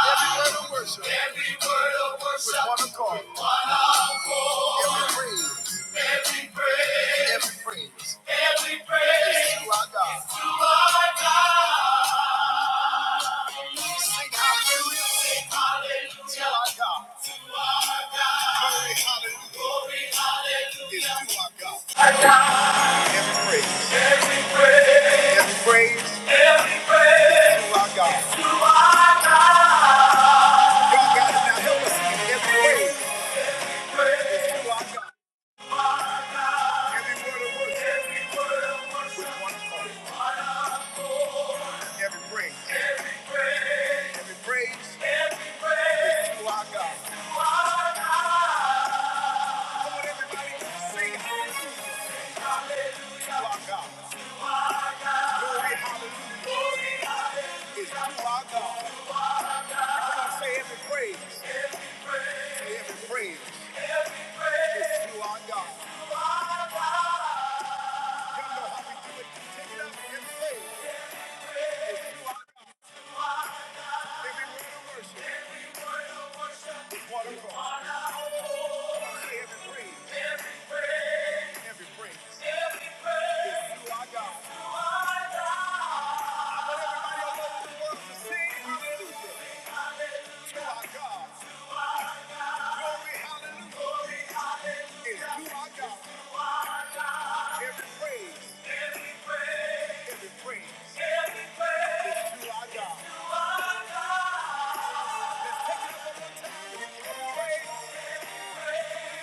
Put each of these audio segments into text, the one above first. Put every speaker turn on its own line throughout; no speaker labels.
Every word of worship. Every word of worship. With one accord. Every praise. Every praise. Every praise. Is to our God. Is to our God. Sing hallelujah. Sing hallelujah. To our God. To our God. Glory hallelujah. Glory hallelujah. Is to our God. Every praise. Every praise. Every praise. Every praise. Is to our God. Is To our God. God, God, now help us sing every praise. Is to our God. Every word of worship with one heart. Every praise. Every praise is to our God. Come on, everybody, sing hallelujah to our God. Glory, hallelujah is to our God. Come on, say every praise. Say every praise is to our God. Y'all know how we do it. Take it up and say it.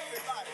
Everybody.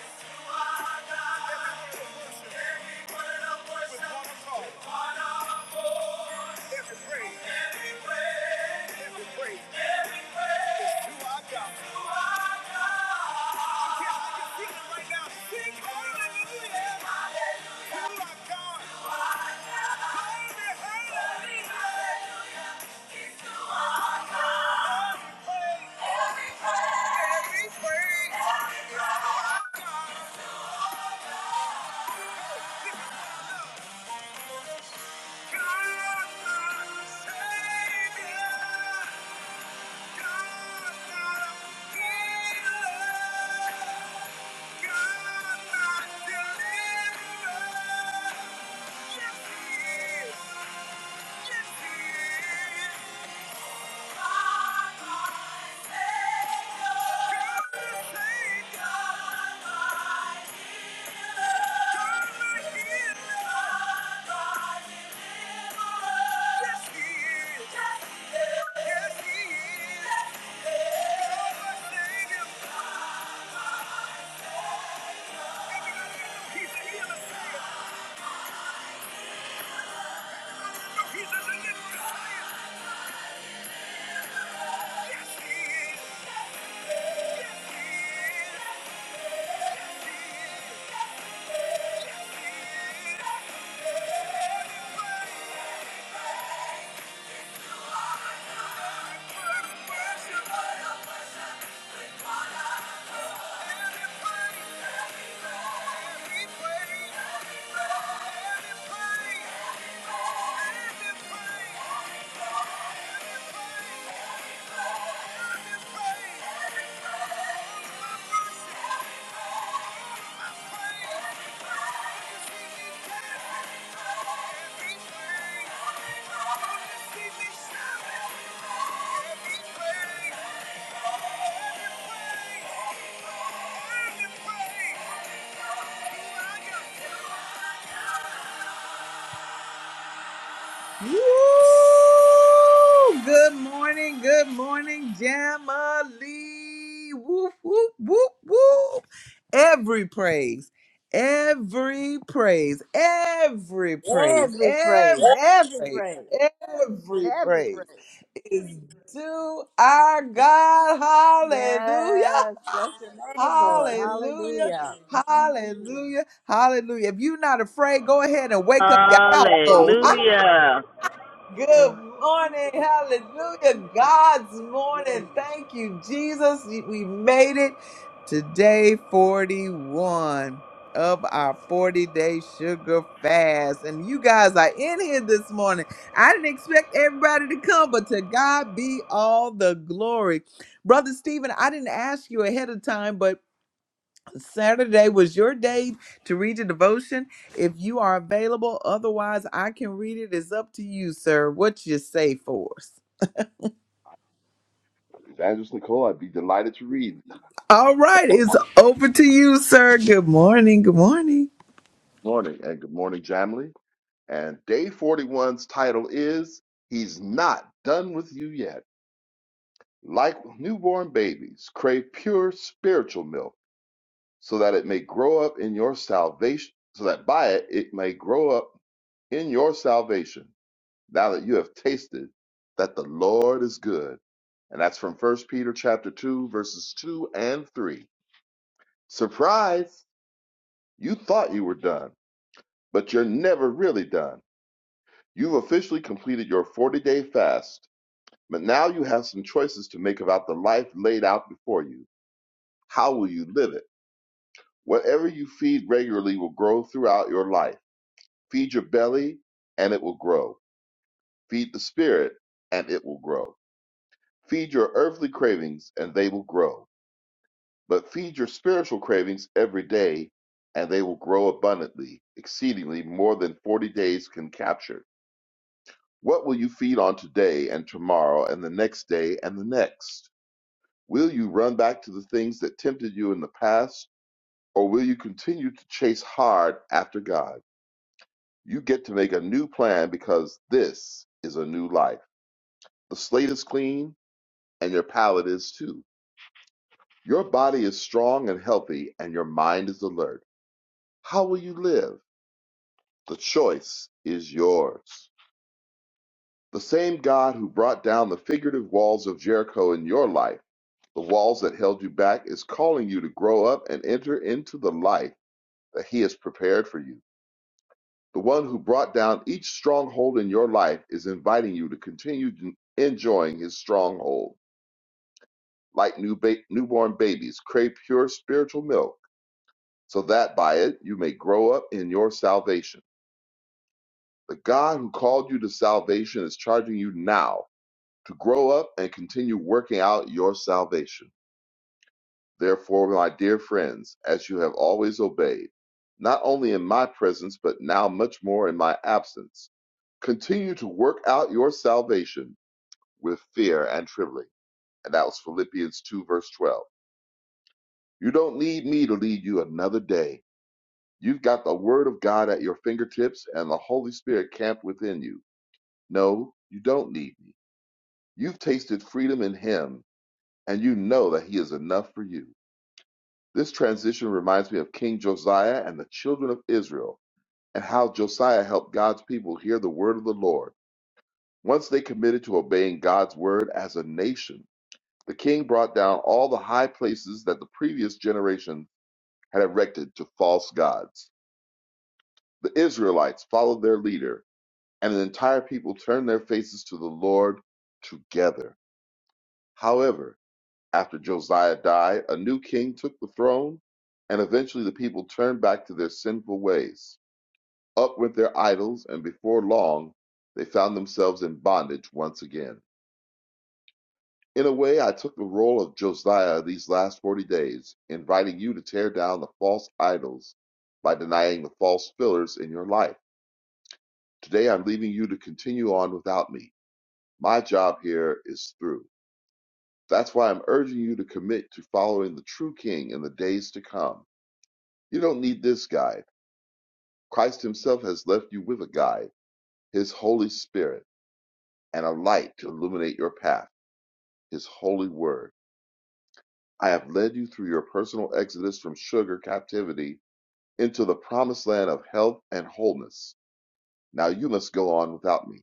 He's here to save. He's a deliverer. Yes, he is. Yes, he is. everybody, you. Thank you. Woo! Good morning, good morning, Jamali. Whoop, whoop, whoop, whoop. Every praise, every praise, every praise,
Every praise,
every
every
praise,
praise,
every
every
praise
praise.
is due our God. Hallelujah.
Yes, bless your name, Lord.
Hallelujah.
Hallelujah.
Hallelujah. Hallelujah. If you're not afraid, go ahead and wake up your household.
Hallelujah.
Good morning. Hallelujah. God's morning. Thank you, Jesus. We made it today, 41 of our 40 day sugar fast. And you guys are in here this morning. I didn't expect everybody to come, but to God be all the glory. Brother Stephen, I didn't ask you ahead of time, but Saturday was your day to read your devotion. If you are available, otherwise, I can read it. It's up to you, sir. What you say for us?
Evangelist Nicole, I'd be delighted to read
All right,
Good
it's over to you, sir. Good morning. Good morning.
morning and good morning, Jamily. And day forty-one's title is He's Not Done With You Yet. Like newborn babies, crave pure spiritual milk so that it may grow up in your salvation, so that by it it may grow up in your salvation. Now that you have tasted that the Lord is good. And that's from First Peter chapter 2 verses 2 and 3. Surprise, you thought you were done but you're never really done. You've officially completed your 40 day fast, but now you have some choices to make about the life laid out before you. How will you live it? Whatever you feed regularly will grow throughout your life. Feed your belly, and it will grow. Feed the spirit, and it will grow. Feed your earthly cravings, and they will grow. But feed your spiritual cravings every day, and they will grow abundantly, exceedingly more than 40 days can capture. What will you feed on today and tomorrow and the next day and the next? Will you run back to the things that tempted you in the past, or will you continue to chase hard after God? You get to make a new plan because this is a new life. The slate is clean and your palate is too. Your body is strong and healthy and your mind is alert. How will you live? The choice is yours. The same God who brought down the figurative walls of Jericho in your life The walls that held you back is calling you to grow up and enter into the life that He has prepared for you. The one who brought down each stronghold in your life is inviting you to continue enjoying His stronghold. Like new ba- newborn babies, crave pure spiritual milk, so that by it you may grow up in your salvation. The God who called you to salvation is charging you now to grow up and continue working out your salvation. Therefore, my dear friends, as you have always obeyed, not only in my presence, but now much more in my absence, continue to work out your salvation with fear and trembling. And that was Philippians 2, verse 12. You don't need me to lead you another day. You've got the Word of God at your fingertips and the Holy Spirit camped within you. No, you don't need me. You've tasted freedom in Him, and you know that He is enough for you. This transition reminds me of King Josiah and the children of Israel, and how Josiah helped God's people hear the word of the Lord. Once they committed to obeying God's word as a nation, the king brought down all the high places that the previous generation had erected to false gods. The Israelites followed their leader, and an entire people turned their faces to the Lord together. However, after Josiah died, a new king took the throne, and eventually the people turned back to their sinful ways. up went their idols, and before long they found themselves in bondage once again. In a way, I took the role of Josiah these last 40 days, inviting you to tear down the false idols by denying the false fillers in your life. Today, I'm leaving you to continue on without me. My job here is through. That's why I'm urging you to commit to following the true King in the days to come. You don't need this guide. Christ Himself has left you with a guide, His Holy Spirit, and a light to illuminate your path. his holy word. I have led you through your personal exodus from sugar captivity into the promised land of health and wholeness. Now you must go on without me.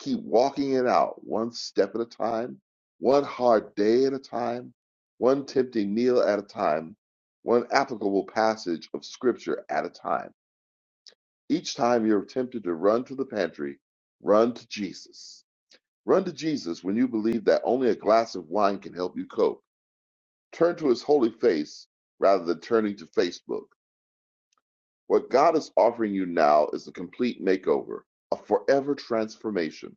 Keep walking it out one step at a time, one hard day at a time, one tempting meal at a time, one applicable passage of scripture at a time. Each time you're tempted to run to the pantry, run to Jesus. Run to Jesus when you believe that only a glass of wine can help you cope Turn to his holy face rather than turning to Facebook. What God is offering you now is a complete makeover, a forever transformation.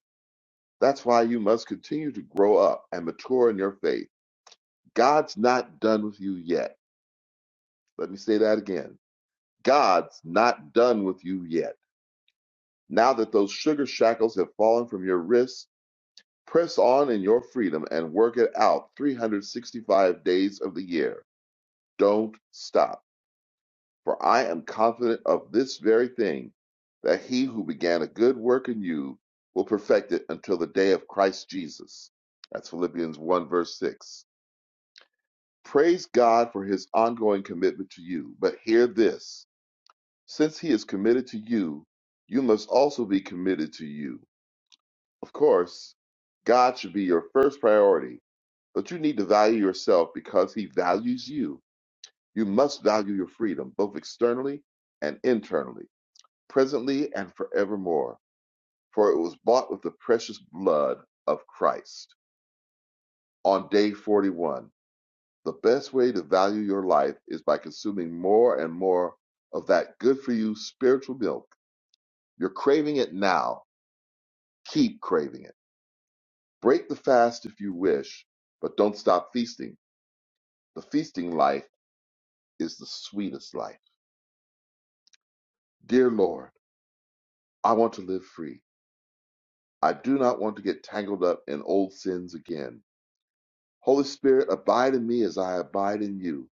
That's why you must continue to grow up and mature in your faith. God's not done with you yet. Let me say that again. God's not done with you yet. Now that those sugar shackles have fallen from your wrists, press on in your freedom and work it out 365 days of the year. Don't stop. For I am confident of this very thing, that he who began a good work in you will perfect it until the day of Christ Jesus. That's Philippians 1, verse 6. Praise God for his ongoing commitment to you. But hear this since he is committed to you, you must also be committed to you. Of course, God should be your first priority, but you need to value yourself because he values you. You must value your freedom, both externally and internally. presently and forevermore. For it was bought with the precious blood of Christ. On day 41, the best way to value your life is by consuming more and more of that good for you spiritual milk. You're craving it now. Keep craving it. Break the fast if you wish, but don't stop feasting. The feasting life is the sweetest life. Dear Lord, I want to live free. I do not want to get tangled up in old sins again. Holy Spirit, abide in me as I abide in you,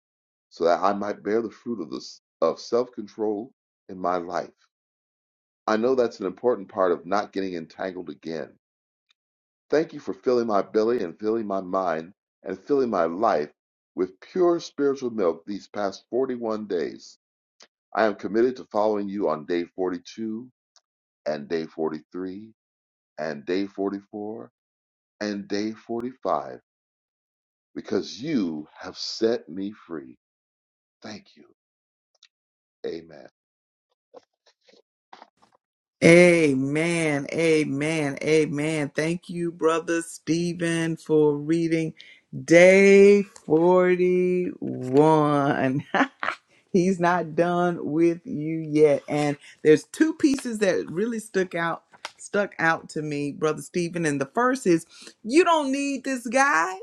so that I might bear the fruit of this of self-control in my life. I know that's an important part of not getting entangled again. Thank you for filling my belly and filling my mind and filling my life with pure spiritual milk these past 41 days. I am committed to following you on day 42 and day 43 and day 44 and day 45 because you have set me free. Thank you. Amen.
Amen. Amen. Amen. Thank you, Brother Stephen, for reading day 41. He's not done with you yet. And there's two pieces that really stuck out stuck out to me, Brother Stephen. And the first is you don't need this guy.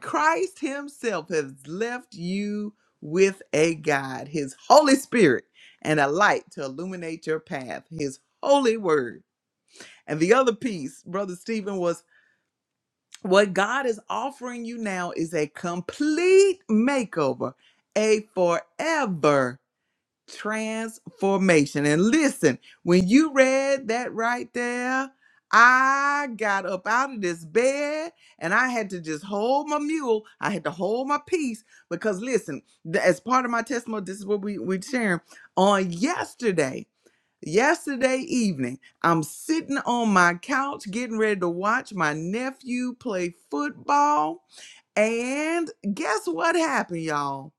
Christ Himself has left you with a guide, His Holy Spirit, and a light to illuminate your path, His holy word. And the other piece, Brother Stephen, was what God is offering you now is a complete makeover, a forever transformation. And listen, when you read that right there, I got up out of this bed and I had to just hold my mule. I had to hold my peace because listen, th- as part of my testimony, this is what we we sharing on yesterday. Yesterday evening, I'm sitting on my couch getting ready to watch my nephew play football. And guess what happened, y'all?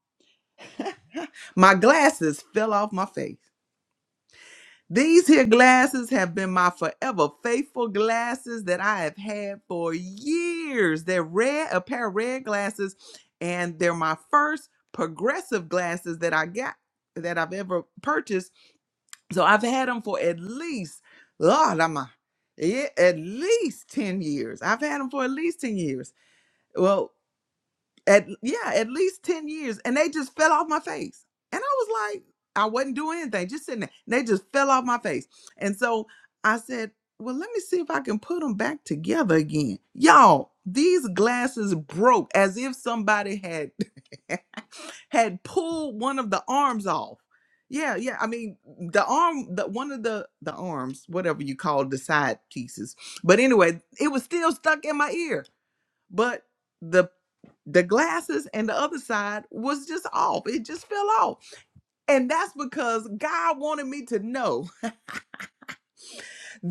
My glasses fell off my face. These here glasses have been my forever faithful glasses that I have had for years. They're red, a pair of red glasses, and they're my first progressive glasses that I got that I've ever purchased. So I've had them for at least, Lord, I'm a, yeah, at least 10 years. I've had them for at least 10 years. Well, at yeah at least 10 years and they just fell off my face and i was like i wasn't doing anything just sitting there and they just fell off my face and so i said well let me see if i can put them back together again y'all these glasses broke as if somebody had had pulled one of the arms off yeah yeah i mean the arm the one of the the arms whatever you call the side pieces but anyway it was still stuck in my ear but the the glasses and the other side was just off. It just fell off. And that's because God wanted me to know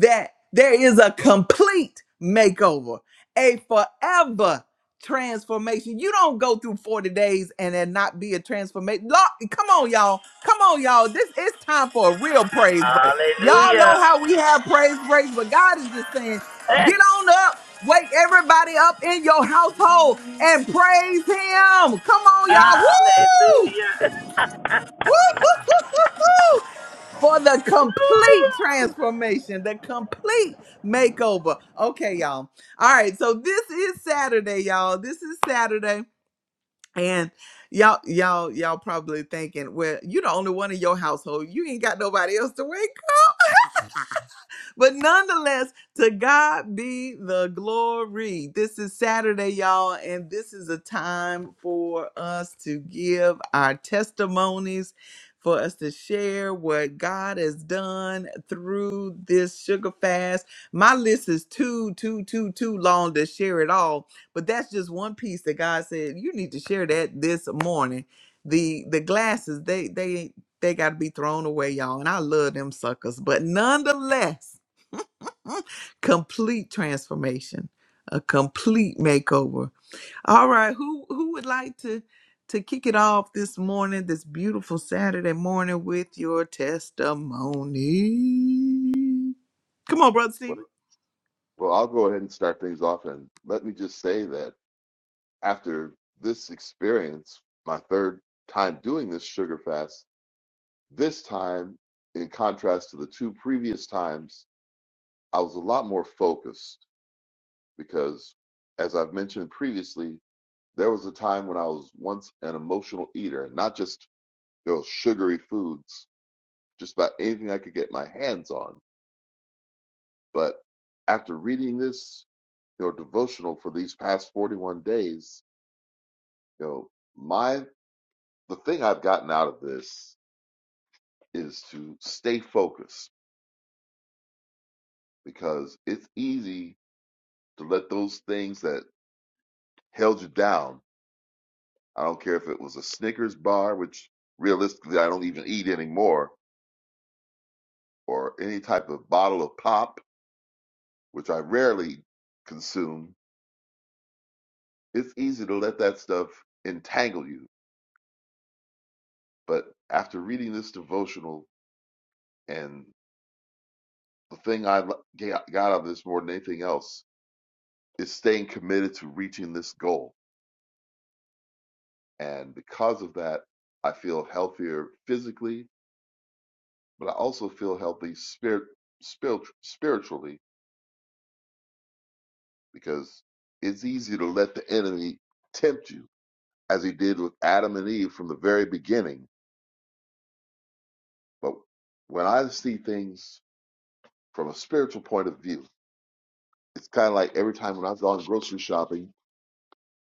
that there is a complete makeover, a forever transformation. You don't go through 40 days and then not be a transformation. Lord, Come on, y'all. Come on, y'all. This is time for a real praise break. Y'all
Hallelujah.
know how we have praise breaks, but God is just saying,
Well,
get on up. Wake everybody up in your household and praise him. Come on, y'all. Woo!
Hallelujah.
Woo, woo, woo, woo, woo. For the complete transformation, the complete makeover. Okay, y'all. All right, so this is Saturday, y'all. This is Saturday. And y'all, y'all, y'all probably thinking, well, you the only one in your household. You ain't got nobody else to wake but nonetheless, to God be the glory. This is Saturday, y'all, and this is a time for us to give our testimonies, for us to share what God has done through this sugar fast. My list is too, too, too, too long to share it all, but that's just one piece that God said you need to share that this morning. The the glasses, they they they got to be thrown away, y'all. And I love them suckers. But nonetheless, complete transformation, a complete makeover. All right, who who would like to to kick it off this morning, this beautiful Saturday morning with your testimony? Come on, brother Stephen.
well, I'll go ahead and start things off. And let me just say that after this experience, my third time doing this sugar fast, this time, in contrast to the two previous times, I was a lot more focused because, as I've mentioned previously, there was a time when I was once an emotional eater, not just those sugary foods, just about anything I could get my hands on. But after reading this your devotional for these past 41 days, you know, my the thing I've gotten out of this is to stay focused because it's easy to let those things that held you down. I don't care if it was a Snickers bar, which realistically I don't even eat anymore, or any type of bottle of pop, which I rarely consume. It's easy to let that stuff entangle you. But after reading this devotional, and the thing I l- ga- got out of this more than anything else is staying committed to reaching this goal. And because of that, I feel healthier physically, but I also feel healthy spirit, spirit, spiritually because it's easy to let the enemy tempt you, as he did with Adam and Eve from the very beginning. But when I see things from a spiritual point of view, it's kind of like every time when I've gone grocery shopping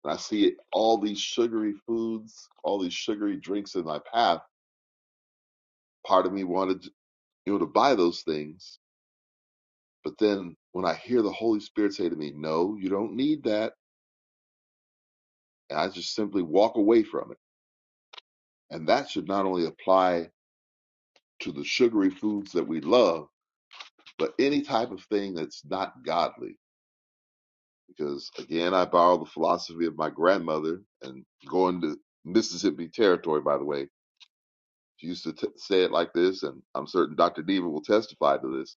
and I see all these sugary foods, all these sugary drinks in my path, part of me wanted you know to buy those things, but then when I hear the Holy Spirit say to me, "No, you don't need that," and I just simply walk away from it, and that should not only apply to the sugary foods that we love, but any type of thing that's not godly. Because again, I borrow the philosophy of my grandmother and going to Mississippi territory, by the way She used to t- say it like this, and I'm certain Dr. Diva will testify to this,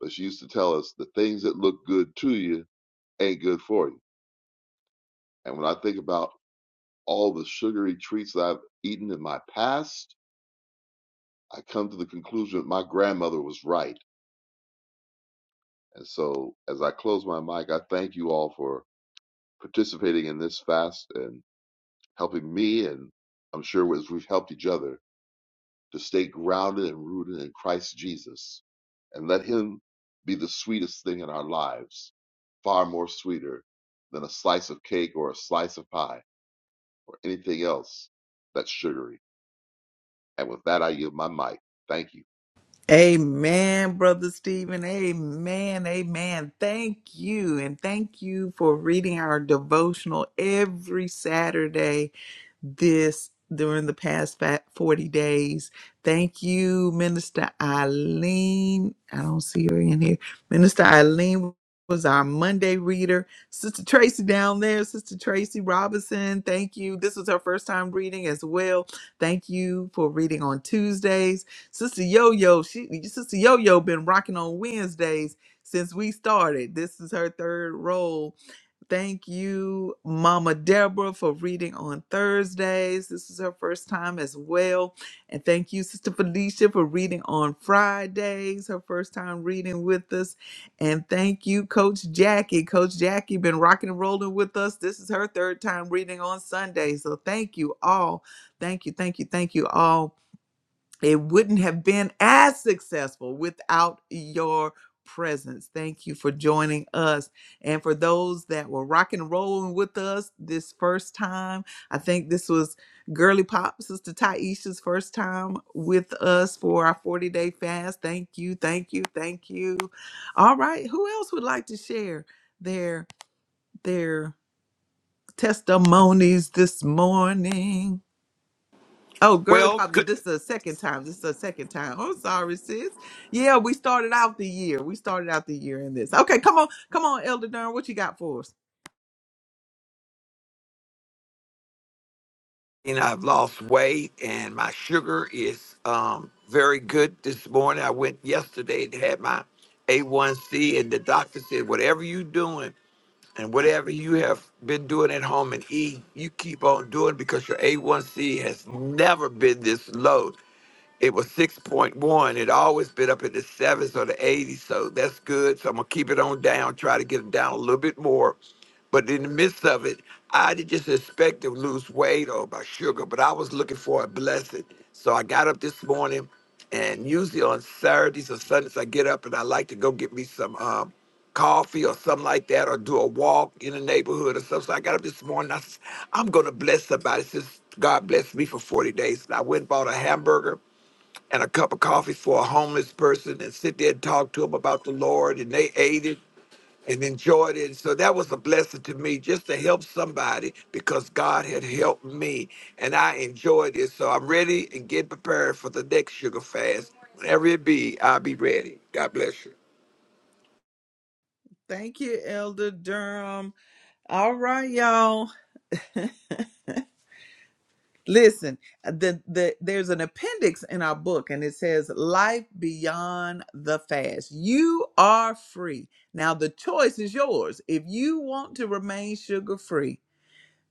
but she used to tell us the things that look good to you ain't good for you. And when I think about all the sugary treats that I've eaten in my past, I come to the conclusion that my grandmother was right. And so as I close my mic, I thank you all for participating in this fast and helping me. And I'm sure as we've helped each other, to stay grounded and rooted in Christ Jesus and let Him be the sweetest thing in our lives, far more sweeter than a slice of cake or a slice of pie or anything else that's sugary. And with that, I yield my mic. Thank you.
Amen, Brother Stephen. Amen. Amen. Thank you. And thank you for reading our devotional every Saturday this during the past fa- 40 days. Thank you, Minister Eileen. I don't see her in here. Minister Eileen was our Monday reader. Sister Tracy down there, Sister Tracy Robinson, thank you. This was her first time reading as well. Thank you for reading on Tuesdays. Sister Yo Yo, she Sister Yo Yo been rocking on Wednesdays since we started. This is her third role. Thank you, Mama Deborah, for reading on Thursdays. This is her first time as well. And thank you, Sister Felicia, for reading on Fridays, her first time reading with us. And thank you, Coach Jackie. Coach Jackie been rocking and rolling with us. This is her third time reading on Sunday. So thank you all. Thank you, thank you, thank you all it wouldn't have been as successful without your presence. Thank you for joining us. And for those that were rock and rolling with us this first time, I think this was Girly Pop, Sister Taisha's first time with us for our 40 day fast. Thank you, thank you, thank you. All right, who else would like to share their their testimonies this morning? Oh, girly
Well,
pops!
good.
This is the second time. This is the second time. I'm sorry, sis. Yeah, we started out the year. We started out the year in this. Okay, come on, come on, Elder Durham. What you got for us?
And I've lost weight, and my sugar is um, very good this morning. I went yesterday and had my A1C, and the doctor said, whatever you doing and whatever you have been doing at home and eat, you keep on doing because your A1C has never been this low. It was 6.1. It always been up in the 70s or the 80s, so that's good. So I'm going to keep it on down, try to get it down a little bit more. But in the midst of it, I didn't just expect to lose weight or my sugar, but I was looking for a blessing. So I got up this morning, and usually on Saturdays or Sundays, I get up and I like to go get me some um, coffee or something like that, or do a walk in the neighborhood or something. So I got up this morning. I said, I'm going to bless somebody since God blessed me for 40 days. And I went and bought a hamburger and a cup of coffee for a homeless person and sit there and talk to them about the Lord. And they ate it and enjoyed it. So that was a blessing to me just to help somebody because God had helped me and I enjoyed it. So I'm ready and get prepared for the next sugar fast. Whenever it be, I'll be ready. God bless you.
Thank you, Elder Durham. All right, y'all. Listen, the, the there's an appendix in our book, and it says "Life Beyond the Fast." You are free now. The choice is yours. If you want to remain sugar free,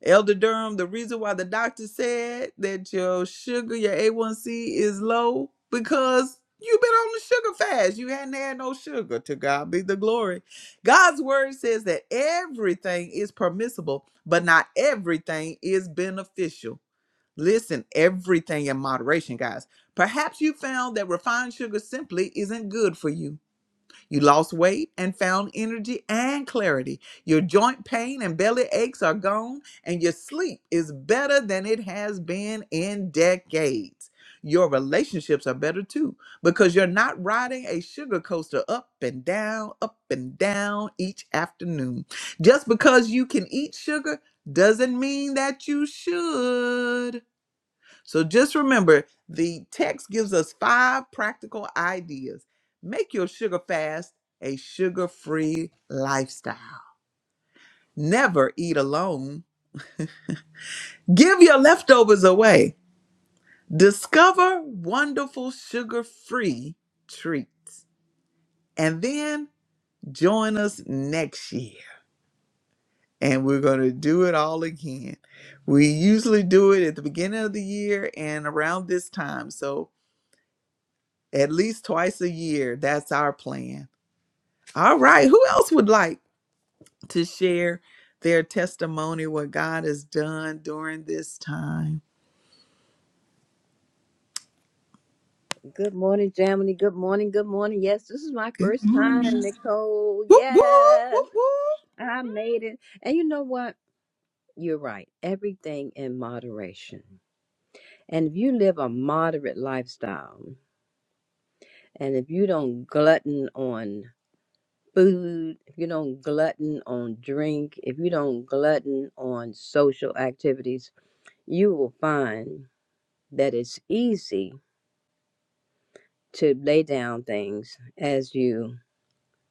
Elder Durham, the reason why the doctor said that your sugar, your A1C is low, because you've been on the sugar fast. You hadn't had no sugar. To God be the glory. God's word says that everything is permissible, but not everything is beneficial. Listen, everything in moderation, guys. Perhaps you found that refined sugar simply isn't good for you. You lost weight and found energy and clarity. Your joint pain and belly aches are gone, and your sleep is better than it has been in decades. Your relationships are better too because you're not riding a sugar coaster up and down, up and down each afternoon. Just because you can eat sugar doesn't mean that you should. So just remember the text gives us five practical ideas. Make your sugar fast a sugar free lifestyle. Never eat alone. Give your leftovers away. Discover wonderful sugar free treats. And then join us next year. And we're going to do it all again. We usually do it at the beginning of the year and around this time. So at least twice a year. That's our plan. All right. Who else would like to share their testimony, what God has done during this time?
Good morning, Jamily. Good morning, good morning. Yes, this is my
Good
first time,
morning.
Nicole.
Whoop, whoop,
Yes,
whoop, whoop.
I made it. And you know what? You're right. Everything in moderation. And if you live a moderate lifestyle, and if you don't glutton on food, if you don't glutton on drink, if you don't glutton on social activities, you will find that it's easy to lay down things as you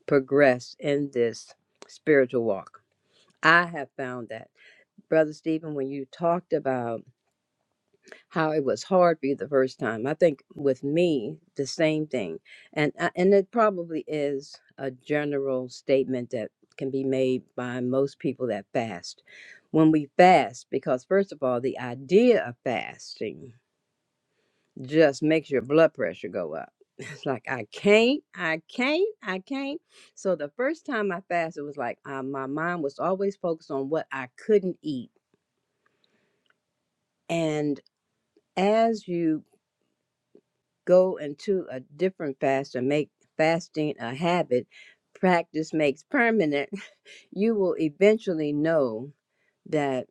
progress in this spiritual walk. I have found that. Brother Stephen, when you talked about how it was hard for you the first time, I think with me, the same thing. And, I- and it probably is a general statement that can be made by most people that fast. When we fast, because first of all, the idea of fasting just makes your blood pressure go up. It's like I can't, I can't, I can't. So the first time I fasted it was like uh, my mind was always focused on what I couldn't eat. And as you go into a different fast and make fasting a habit, practice makes permanent. You will eventually know that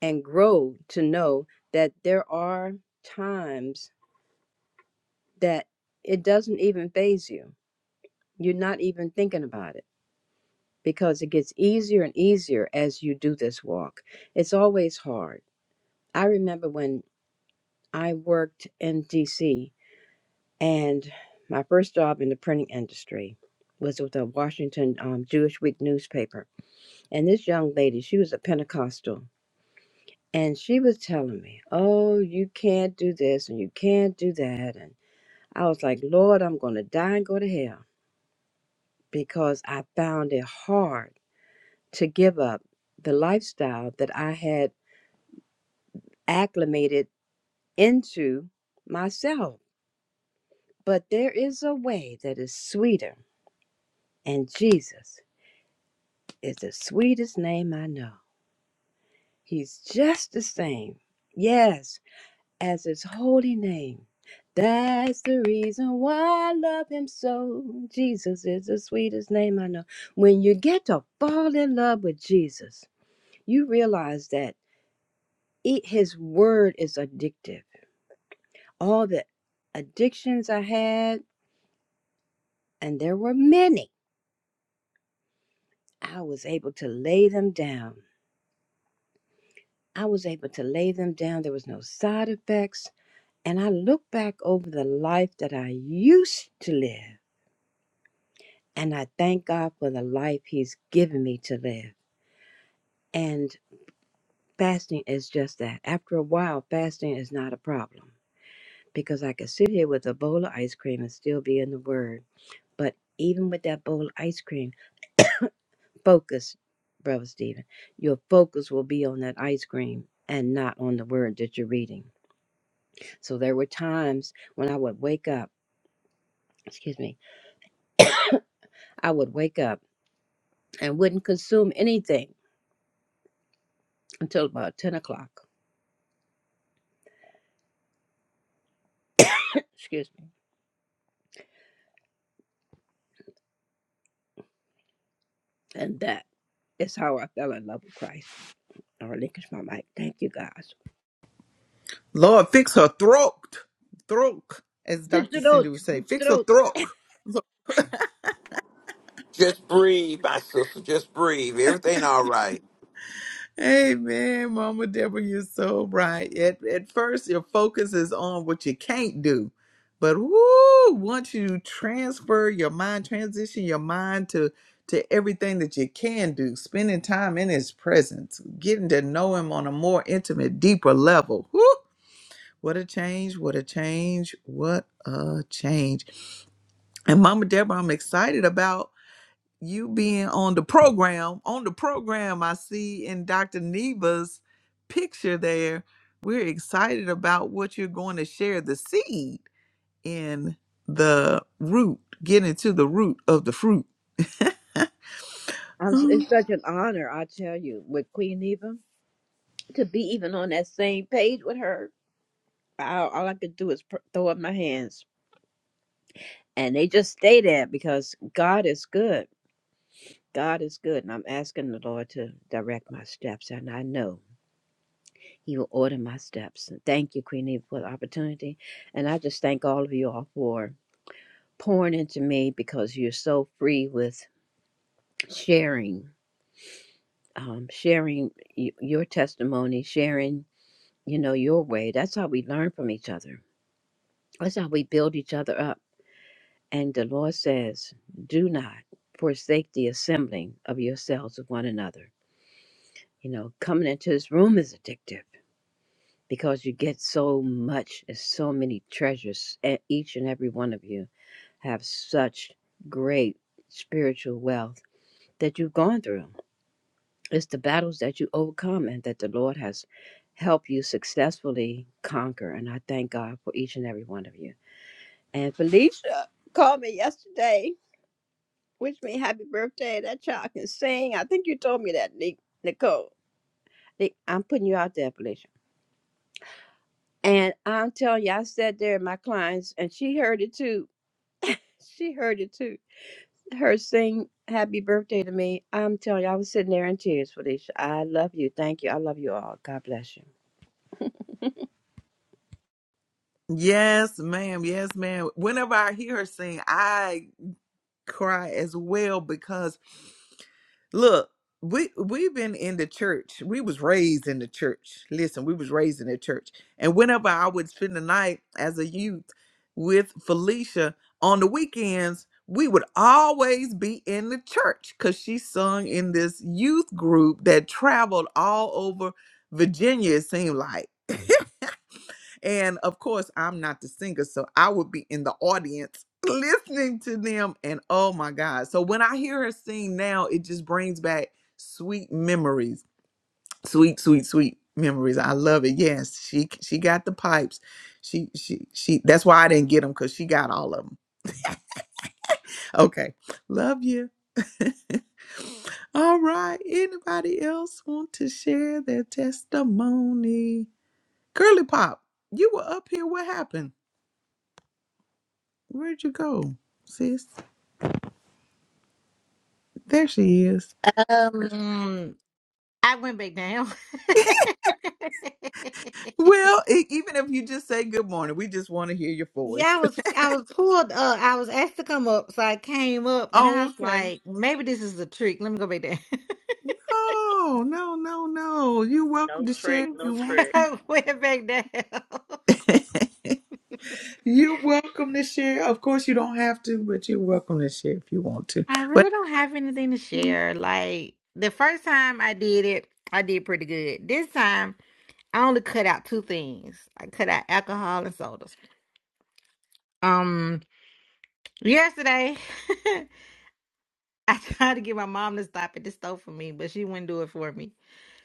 and grow to know that there are times that it doesn't even phase you. You're not even thinking about it because it gets easier and easier as you do this walk. It's always hard. I remember when I worked in DC and my first job in the printing industry was with the Washington um, Jewish Week newspaper. And this young lady, she was a Pentecostal, and she was telling me, Oh, you can't do this and you can't do that. And I was like, Lord, I'm going to die and go to hell because I found it hard to give up the lifestyle that I had acclimated into myself. But there is a way that is sweeter, and Jesus is the sweetest name I know. He's just the same, yes, as his holy name. That's the reason why I love him so. Jesus is the sweetest name I know. When you get to fall in love with Jesus, you realize that it, his word is addictive. All the addictions I had, and there were many, I was able to lay them down. I was able to lay them down. There was no side effects. And I look back over the life that I used to live, and I thank God for the life He's given me to live. And fasting is just that. After a while, fasting is not a problem because I could sit here with a bowl of ice cream and still be in the Word. But even with that bowl of ice cream, focus, Brother Stephen. Your focus will be on that ice cream and not on the word that you're reading. So there were times when I would wake up, excuse me, I would wake up and wouldn't consume anything until about 10 o'clock, excuse me. And that is how I fell in love with Christ. I relinquish my mic. Thank you, guys.
Lord, fix her throat. Throat, as
The
Dr.
truth,
Cindy would say,
the
fix her
truth.
throat.
Just breathe, my sister. Just breathe. Everything all right.
Amen, Mama Deborah, you're so right. At, at first, your focus is on what you can't do. But woo, once you transfer your mind, transition your mind to, to everything that you can do, spending time in his presence, getting to know him on a more intimate, deeper level. Woo, what a change, what a change, what a change. And Mama Deborah, I'm excited about you being on the program, on the program, I see in Dr. Neva's picture there, we're excited about what you're going to share the seed in the root, getting to the root of the fruit.
I'm, s-
Um,
it's such an honor, I tell you, with Queen Eva to be even on that same page with her. All, all I could do is pr- throw up my hands and they just stay there because God is good. God is good, and I'm asking the Lord to direct my steps, and I know He will order my steps. And thank you, Queen Eva, for the opportunity, and I just thank all of you all for pouring into me because you're so free with sharing, um, sharing y- your testimony, sharing, you know, your way. That's how we learn from each other. That's how we build each other up. And the Lord says, "Do not forsake the assembling of yourselves with one another." You know, coming into this room is addictive because you get so much, there's so many treasures. And each and every one of you have such great spiritual wealth that you've gone through. It's the battles that you overcome and that the Lord has helped you successfully conquer. And I thank God for each and every one of you. And Felicia called me yesterday, wished me happy birthday. That child can sing. I think you told me that, Ni- Nicole. Ni- I'm putting you out there, Felicia. And I'm telling you, I sat there in my clients, and she heard it too. She heard it too. Her sing happy birthday to me. I'm telling you, I was sitting there in tears, Felicia. I love you. Thank you. I love you all. God bless you.
Yes, ma'am. Yes, ma'am. Whenever I hear her sing, I cry as well because look we we've been in the church we was raised in the church listen we was raised in the church and whenever i would spend the night as a youth with felicia on the weekends we would always be in the church because she sung in this youth group that traveled all over virginia it seemed like And of course, I'm not the singer, so I would be in the audience listening to them. And oh my God. So when I hear her sing now, it just brings back sweet memories. Sweet, sweet, sweet memories. I love it. Yes, she she got the pipes. She she she that's why I didn't get them because she got all of them. Okay. Love you. All right. Anybody else want to share their testimony? Curly Pop, you were up here. What happened? Where'd you go, sis? There she is.
Um, I went back down.
Well, e- even if you just say good morning, we just want to hear your voice.
yeah, I was I was pulled up. I was asked to come up, so I came up, and I
Oh,
was
okay.
like, maybe this is a trick. Let me go back down.
Oh, no, no, no. You're
no
welcome to share
trick,
if
So
no
you want
trick.
to.
I went back down.
You're welcome to share. Of course, you don't have to, but you're welcome to share if you want to.
I
But
really don't have anything to share. Like the first time I did it, I did pretty good. This time, I only cut out two things. I cut out alcohol and sodas. Um, yesterday. I tried to get my mom to stop at the store for me, but she wouldn't do it for me.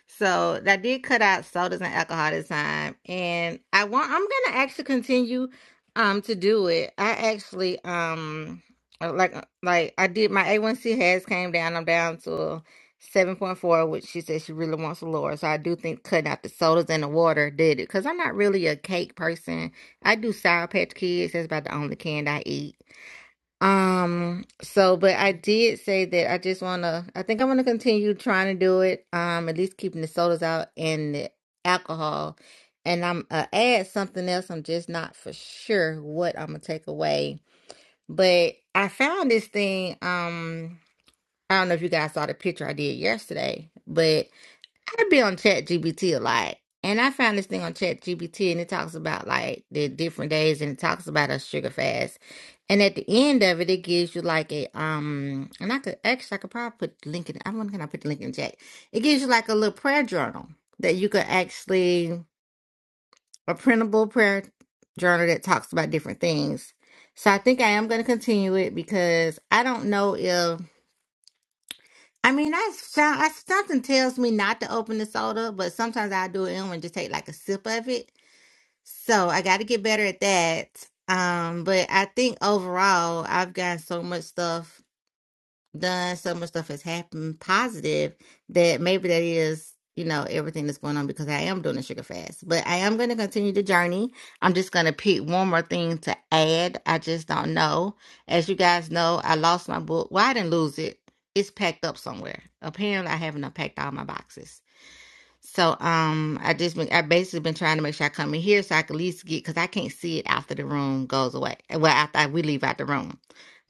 So I did cut out sodas and alcohol this time, and I want I'm gonna actually continue um to do it. I actually um uh, like uh, like I did my A1C has came down. I'm down to seven point four, which she said she really wants to lower. So I do think cutting out the sodas and the water did it because I'm not really a cake person. I do sour patch kids. That's about the only candy I eat um, so but I did say that I just wanna I think I'm gonna continue trying to do it. Um, at least keeping the sodas out and the alcohol. And I'm uh, add something else. I'm just not for sure what I'm gonna take away. But I found this thing, um, I don't know if you guys saw the picture I did yesterday, but I'd be on ChatGPT a lot. And I found this thing on ChatGPT, and it talks about like the different days and it talks about a sugar fast. And at the end of it, it gives you like a um and I could actually I could probably put the link in I wonder can I put the link in the chat. It gives you like a little prayer journal that you could actually a printable prayer journal that talks about different things. So I think I am gonna continue it because I don't know if I mean, I sound, I, something tells me not to open the soda, but sometimes I do it anyway and just take like a sip of it. So I got to get better at that. Um, but I think overall, I've gotten so much stuff done so much stuff has happened positive that maybe that is you know everything that's going on because i am doing a sugar fast but i am going to continue the journey i'm just going to pick one more thing to add i just don't know as you guys know i lost my book well i didn't lose it it's packed up somewhere apparently i haven't unpacked all my boxes so um, I just been I basically been trying to make sure I come in here so I can at least get because I can't see it after the room goes away. Well, after we leave out the room,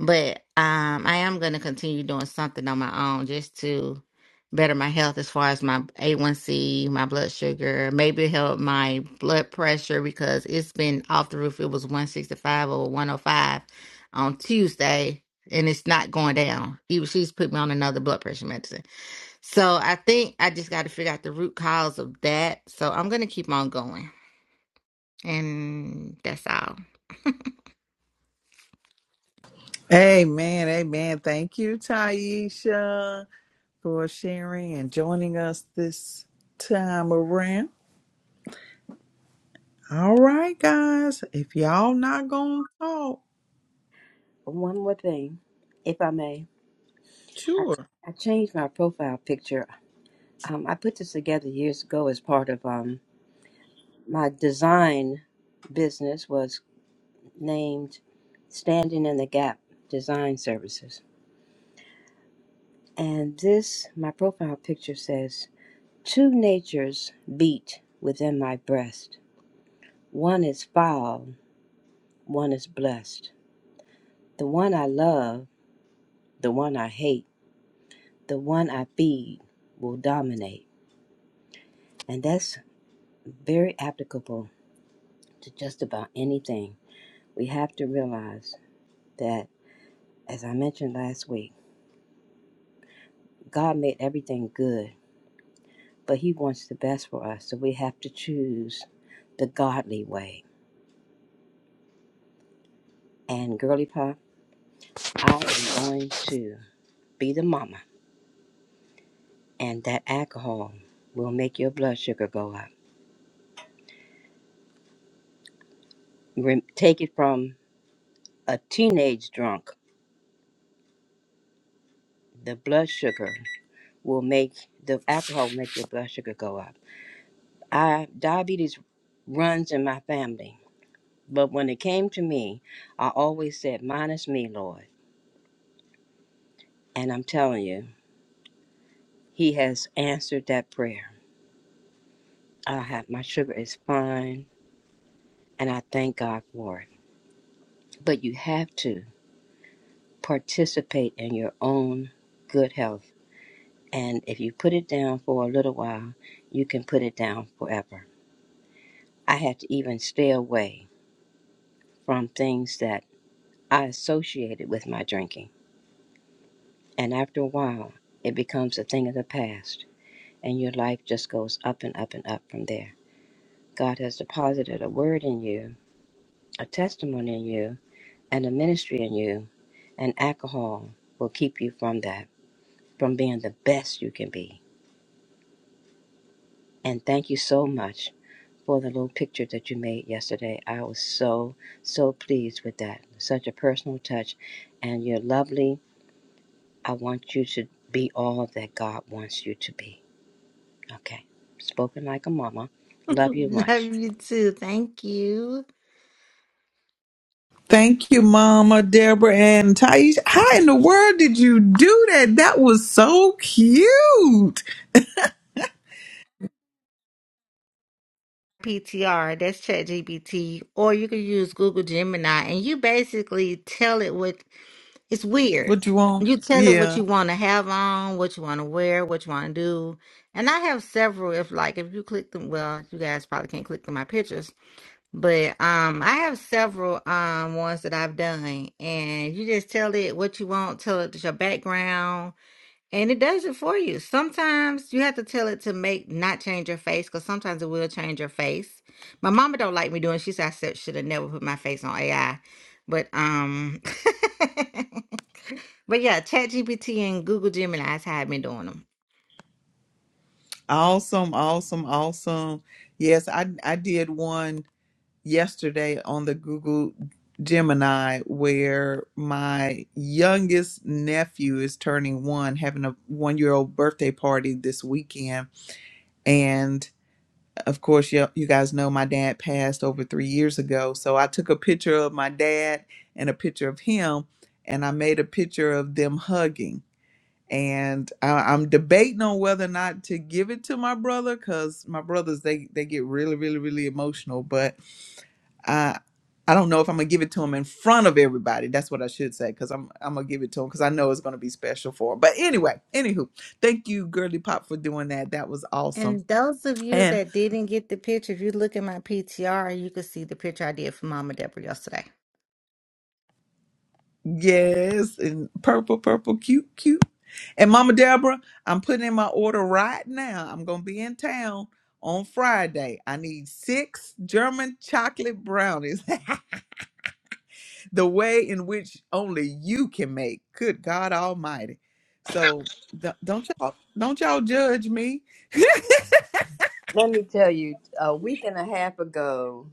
but um, I am gonna continue doing something on my own just to better my health as far as my A1C, my blood sugar, maybe help my blood pressure because it's been off the roof. It was one sixty five or one hundred five on Tuesday, and it's not going down. Even she's put me on another blood pressure medicine. So I think I just got to figure out the root cause of that. So I'm going to keep on going. And that's all.
amen, amen. Thank you, Taisha, for sharing and joining us this time around. All right, guys. If y'all not going to talk,
One more thing, if I may. I,
sure.
I changed my profile picture. Um, I put this together years ago as part of um, my design business was named Standing in the Gap Design Services. And this, my profile picture says Two natures beat within my breast. One is foul, one is blessed. The one I love, the one I hate, the one I feed will dominate. And that's very applicable to just about anything. We have to realize that, as I mentioned last week, God made everything good, but He wants the best for us. So we have to choose the godly way. And, girly pop, I am going to be the mama and that alcohol will make your blood sugar go up. Rem- Take it from a teenage drunk. The blood sugar will make the alcohol make your blood sugar go up. I diabetes runs in my family, but when it came to me, I always said, "Minus me, Lord." And I'm telling you, He has answered that prayer. I have my sugar is fine, and I thank God for it. But you have to participate in your own good health And if you put it down for a little while, you can put it down forever. I had to even stay away from things that I associated with my drinking. And after a while, it becomes a thing of the past, and your life just goes up and up and up from there. God has deposited a word in you, a testimony in you, and a ministry in you, and alcohol will keep you from that, from being the best you can be. And thank you so much for the little picture that you made yesterday. I was so, so pleased with that. Such a personal touch. And you're lovely. I want you to be all that God wants you to be. Okay. Spoken like a mama. Love you
Love
much.
you too. Thank you.
Thank you, Mama Deborah and Taisha. How in the world did you do that? That was so cute.
PTR, that's ChatGPT. Or you can use Google Gemini and you basically tell it what it's weird.
What you want?
You tell it what
Yeah.
you want to have on, what you want to wear, what you want to do. And I have several. If, like, if you click them, well, you guys probably can't click them my pictures But um, I have several um ones that I've done, and you just tell it what you want, tell it your background, and it does it for you. Sometimes you have to tell it to make not change your face, because sometimes it will change your face. My mama don't like me doing. She said I should have never put my face on AI, but um, But yeah, ChatGPT and Google Gemini's had me doing them.
Awesome, awesome, awesome. Yes, I I did one yesterday on the Google Gemini where my youngest nephew is turning one, having a one year old birthday party this weekend. and. of course, you, you guys know my dad passed over three years ago. So I took a picture of my dad and a picture of him, and I made a picture of them hugging. And I, I'm debating on whether or not to give it to my brother because my brothers they they get really really really emotional. But I I don't know if I'm gonna give it to him in front of everybody. That's what I should say because I'm I'm gonna give it to him because I know it's gonna be special for him. But anyway, anywho, thank you, Girly Pop, for doing that. That was awesome.
And those of you that didn't get the picture, if you look at my PTR, you could see the picture I did for Mama Deborah yesterday.
Yes, and purple, purple, cute, cute. And Mama Deborah, I'm putting in my order right now. I'm gonna be in town on Friday. I need six German chocolate brownies, the way in which only you can make. Good God Almighty! So don't don't y'all don't y'all judge me.
Let me tell you, a week and a half ago,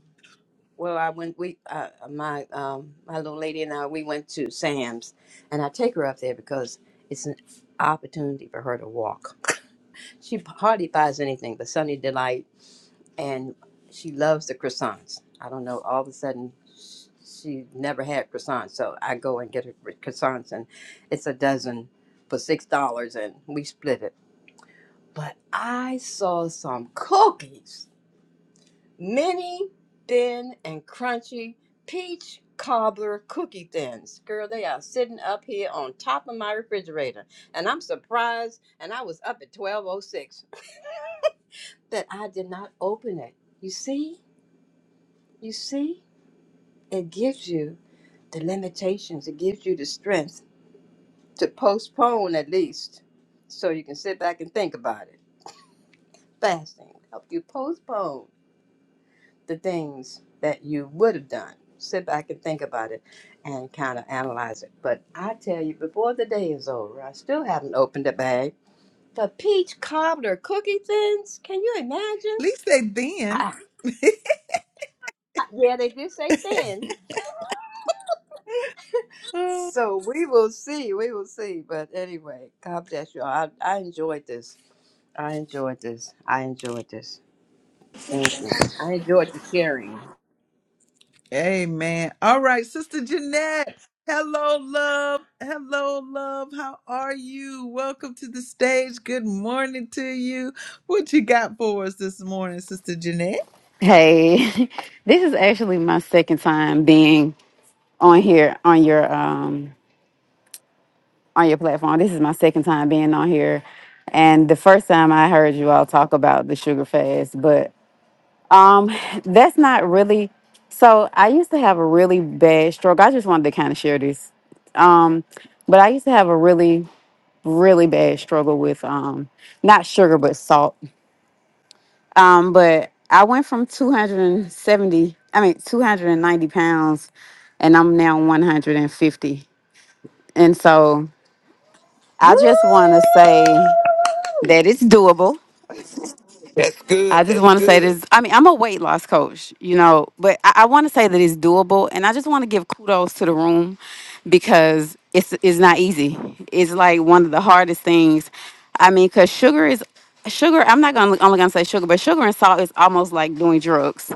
well, I went. We, uh, my, um, my little lady and I, we went to Sam's, and I take her up there because it's an opportunity for her to walk. She hardly buys anything but Sunny Delight and she loves the croissants. I don't know. All of a sudden, sh- she never had croissants, so I go and get her croissants, and it's a dozen for six dollars, and we split it. But I saw some cookies, mini, thin, and crunchy peach cobbler cookie thins. Girl, they are sitting up here on top of my refrigerator, and I'm surprised. And I was up at twelve oh six that I did not open it. You see? You see? It gives you the limitations, it gives you the strength to postpone at least so you can sit back and think about it. Fasting help you postpone the things that you would have done. Sit back and think about it and kind of analyze it. But I tell you, before the day is over, I still haven't opened the bag. The peach cobbler cookie thins, can you
At
imagine?
least they then.
I, I- yeah, they do say thin. So we will see. We will see. But anyway, God bless you. all. I, I enjoyed this. I enjoyed this. I enjoyed this. Thank you. I enjoyed the sharing.
Amen. All right, Sister Jeanette. Hello, love. Hello, love. How are you? Welcome to the stage. Good morning to you. What you got for us this morning, Sister Jeanette?
Hey, this is actually my second time being on here on your um on your platform. This is my second time being on here. And the first time I heard you all talk about the sugar fast, but um that's not really so I used to have a really bad stroke. I just wanted to kind of share this. Um but I used to have a really really bad struggle with um not sugar but salt. Um, but I went from 270, I mean 290 pounds, and I'm now 150. And fifty. And so I
Woo!
just want to say that it's doable.
That's
I
good.
just
That's
want to say
good.
this. I mean, I'm a weight loss coach, you know, but I, I want to say that it's doable, and I just want to give kudos to the room because it's it's not easy. It's like one of the hardest things. I mean, because sugar is sugar. I'm not gonna only gonna say sugar, but sugar and salt is almost like doing drugs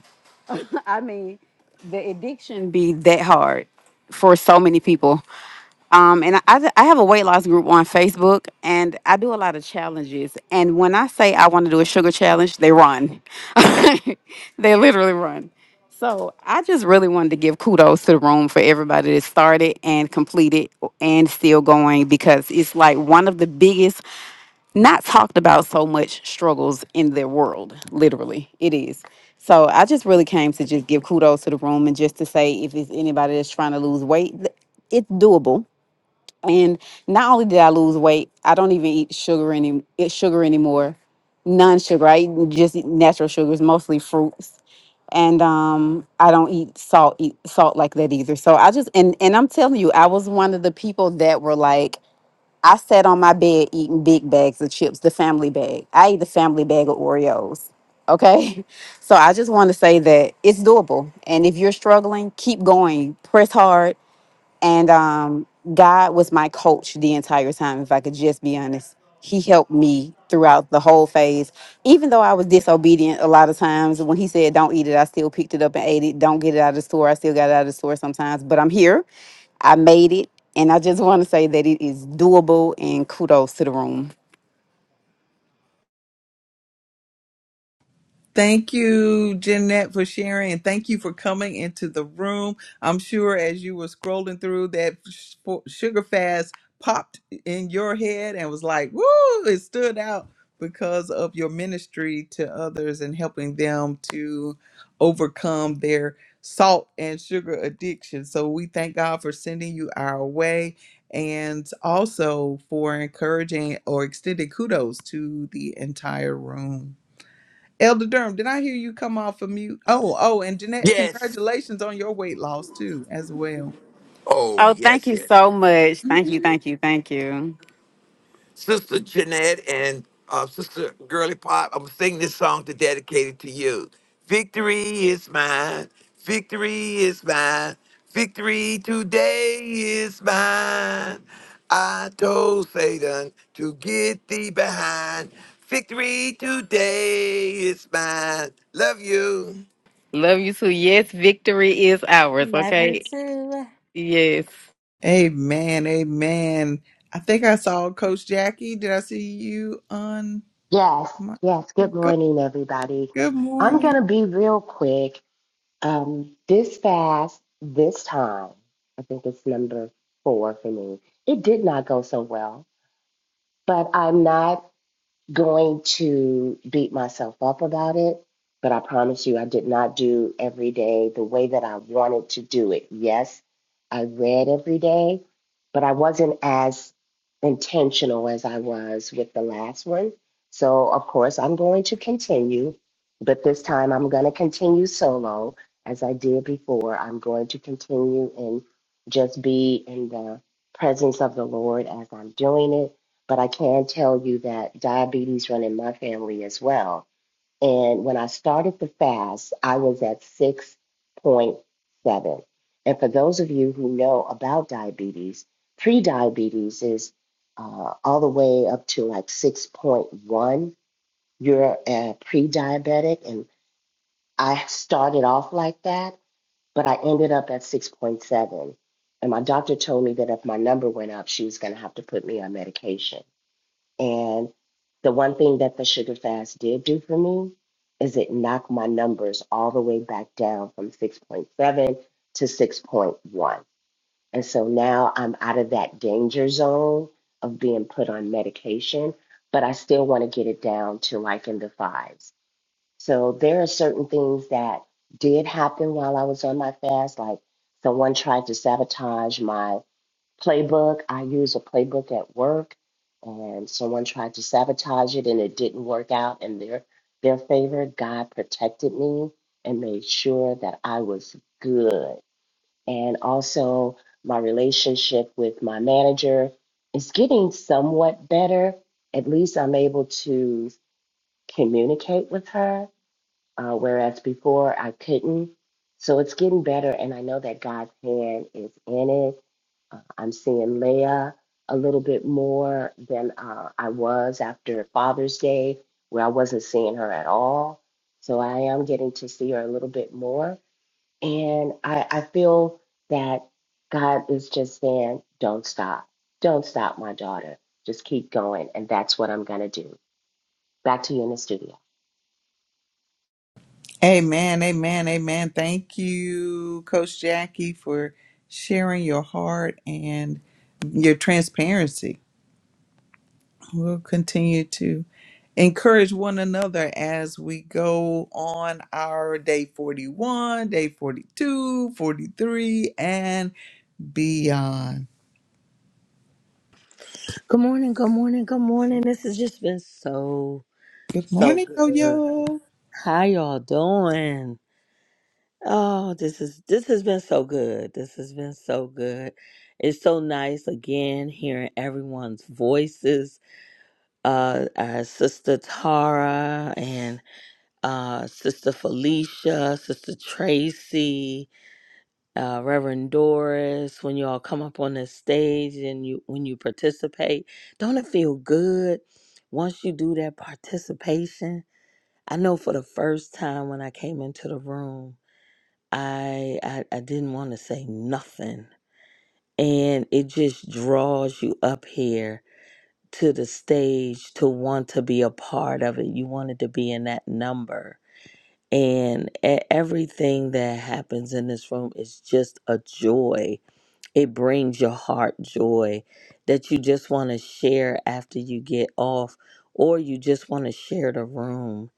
I mean, the addiction be that hard for so many people. Um, and I, I I have a weight loss group on Facebook, and I do a lot of challenges. And when I say I want to do a sugar challenge, they run. they literally run. So I just really wanted to give kudos to the room for everybody that started and completed and still going because it's like one of the biggest not talked about so much struggles in their world literally it is so i just really came to just give kudos to the room and just to say if it's anybody that's trying to lose weight th- it's doable and not only did i lose weight i don't even eat sugar any eat sugar anymore non-sugar i eat just eat natural sugars mostly fruits and um i don't eat salt eat salt like that either so i just and and i'm telling you i was one of the people that were like I sat on my bed eating big bags of chips, the family bag. I ate the family bag of Oreos. Okay. So I just want to say that it's doable. And if you're struggling, keep going, press hard. And um, God was my coach the entire time, if I could just be honest. He helped me throughout the whole phase. Even though I was disobedient a lot of times, when he said, Don't eat it, I still picked it up and ate it. Don't get it out of the store, I still got it out of the store sometimes. But I'm here, I made it. And I just want to say that it is doable and kudos to the room.
Thank you, Jeanette, for sharing, and thank you for coming into the room. I'm sure as you were scrolling through that sh- for- sugar fast popped in your head and was like, "Woo!" It stood out because of your ministry to others and helping them to overcome their salt and sugar addiction. So we thank God for sending you our way. And also for encouraging or extending kudos to the entire room. Elder Durham, did I hear you come off of mute? Oh, oh, and Jeanette,
Yes.
congratulations on your weight loss too, as well.
Oh,
Oh, thank
yes,
you
yes.
so much. Thank you, thank you, thank you.
Sister Jeanette and uh, Sister Girly Pop, I'm singing this song to dedicate it to you. Victory is mine. Victory is mine. Victory today is mine. I told Satan to get thee behind. Victory today is mine. Love you.
Love you too. Yes, victory is ours.
Love you
Okay.
too.
Yes.
Amen, amen. I think I saw Coach Jackie. Did I see you on
Yes,
my
yes. Good
go-
morning, everybody.
good
I'm going
morning?
to be real quick. Um, this fast, this time, I think it's number four for me. It did not go so well, but I'm not going to beat myself up about it, but I promise you, I did not do every day the way that I wanted to do it. Yes, I read every day, but I wasn't as intentional as I was with the last one. So, of course, I'm going to continue, but this time I'm going to continue solo as I did before. I'm going to continue and just be in the presence of the Lord as I'm doing it but I can tell you that diabetes run in my family as well. And when I started the fast, I was at 6.7. And for those of you who know about diabetes, pre-diabetes is uh, all the way up to like 6.1. You're a pre-diabetic, and I started off like that, but I ended up at 6.7. And my doctor told me that if my number went up, she was going to have to put me on medication. And the one thing that the sugar fast did do for me is it knocked my numbers all the way back down from 6.7 to 6.1. And so now I'm out of that danger zone of being put on medication, but I still want to get it down to like in the fives. So there are certain things that did happen while I was on my fast. Like someone tried to sabotage my playbook. I use a playbook at work, and someone tried to sabotage it, and it didn't work out in their their favor. God protected me and made sure that I was good. And also, my relationship with my manager is getting somewhat better. At least I'm able to communicate with her, uh, whereas before I couldn't. So it's getting better, and I know that God's hand is in it uh, I'm seeing Leah a little bit more than uh, I was after Father's Day, where I wasn't seeing her at all. So I am getting to see her a little bit more. And I, I feel that God is just saying, don't stop. Don't stop, my daughter. Just keep going. And that's what I'm going to do. Back to you in the studio.
Amen, amen, amen. Thank you, Coach Jackie, for sharing your heart and your transparency. We'll continue to encourage one another as we go on our day 41, day 42, 43, and beyond.
Good morning, good morning, good morning. This has just been so,
Good
so
morning, Yo
good.
Yo.
How y'all doing? Oh, this is this has been so good. This has been so good. It's so nice again hearing everyone's voices. Uh, our sister Tara and. uh, Sister Felicia, Sister Tracy, uh, Reverend Doris, when you all come up on this stage and you when you participate, don't it feel good once you do that participation? I know for the first time when I came into the room, I I, I didn't want to say nothing, and it just draws you up here to the stage to want to be a part of it. You wanted to be in that number and e- everything that happens in this room is just a joy. It brings your heart joy that you just want to share after you get off, or you just want to share the room.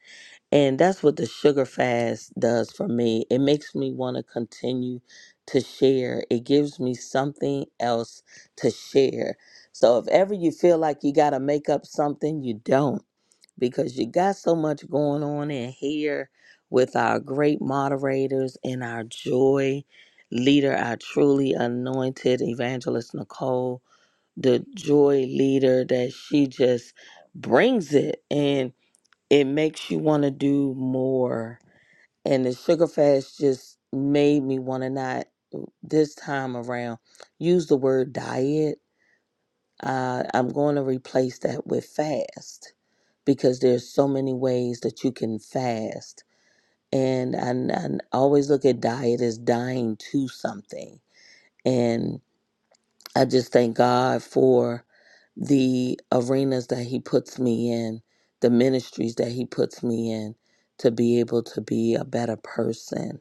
And that's what the sugar fast does for me. It makes me want to continue to share, it gives me something else to share. So if ever you feel like you got to make up something, you don't because you got so much going on in here with our great moderators and our joy leader, our truly anointed evangelist Nicole, the joy leader that she just brings it and it makes you want to do more. And the sugar fast just made me want to not this time around use the word diet uh, I'm going to replace that with fast because there's so many ways that you can fast. And I, I always look at diet as dying to something. And I just thank God for the arenas that He puts me in, the ministries that He puts me in to be able to be a better person.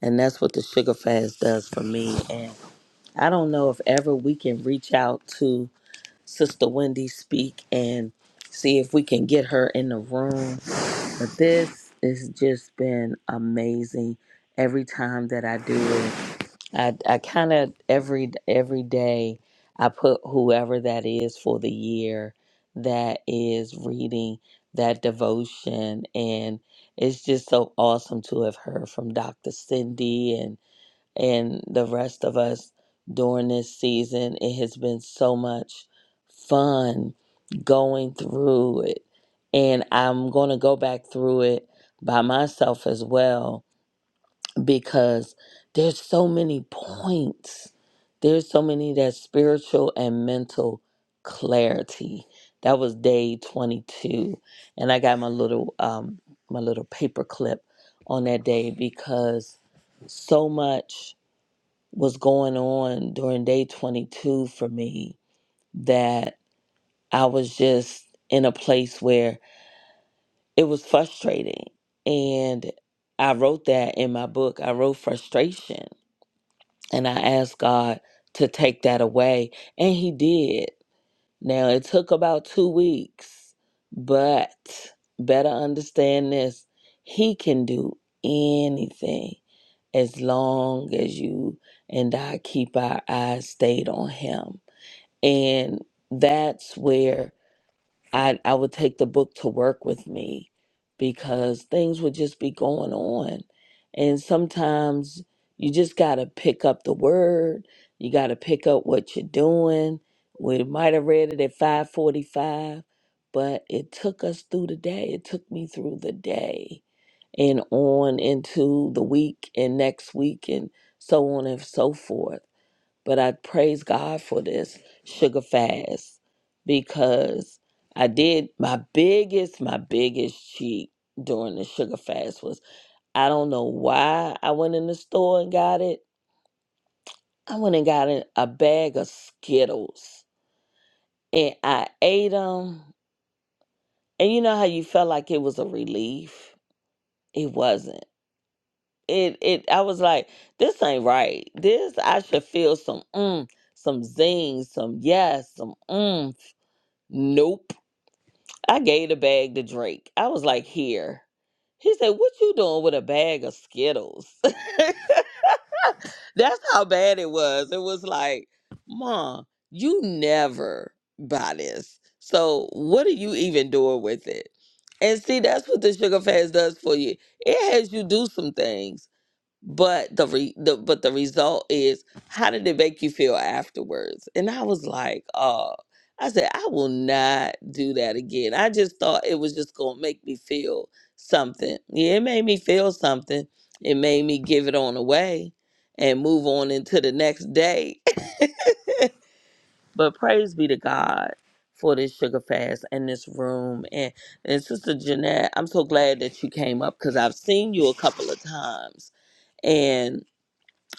And that's what the sugar fast does for me. And I don't know if ever we can reach out to Sister Wendy speak and see if we can get her in the room. But this has just been amazing. Every time that I do it, I, I kind of every every day I put whoever that is for the year that is reading that devotion and it's just so awesome to have heard from Dr. Cindy and and the rest of us during this season. It has been so much fun going through it. And I'm going to go back through it by myself as well because there's so many points. There's so many that spiritual and mental clarity. That was day 22. And I got my little um my little paper clip on that day because so much was going on during day 22 for me that I was just in a place where it was frustrating. And I wrote that in my book. I wrote frustration and I asked God to take that away. And He did. Now, it took about two weeks, but better understand this He can do anything as long as you and I keep our eyes stayed on Him. And that's where I I would take the book to work with me because things would just be going on. And sometimes you just got to pick up the word. You got to pick up what you're doing. We might have read it at 5:45, but it took us through the day. It took me through the day and on into the week and next week and so on and so forth. But I praise God for this sugar fast because I did my biggest, my biggest cheat during the sugar fast was I don't know why I went in the store and got it. I went and got a a bag of Skittles and I ate them. And you know how you felt like it was a relief? It wasn't. It it I was like, this ain't right. This I should feel some mm, some zing, some yes, some mm. Nope. I gave the bag to Drake. I was like, here. He said, What you doing with a bag of Skittles? That's how bad it was. It was like, Mom, you never buy this. So what are you even doing with it? And see, that's what the sugar fast does for you. It has you do some things but the, re- the but the result is how did it make you feel afterwards and i was like oh i said i will not do that again i just thought it was just gonna make me feel something yeah it made me feel something it made me give it on away and move on into the next day but praise be to god for this sugar fast and this room and and sister jeanette i'm so glad that you came up because i've seen you a couple of times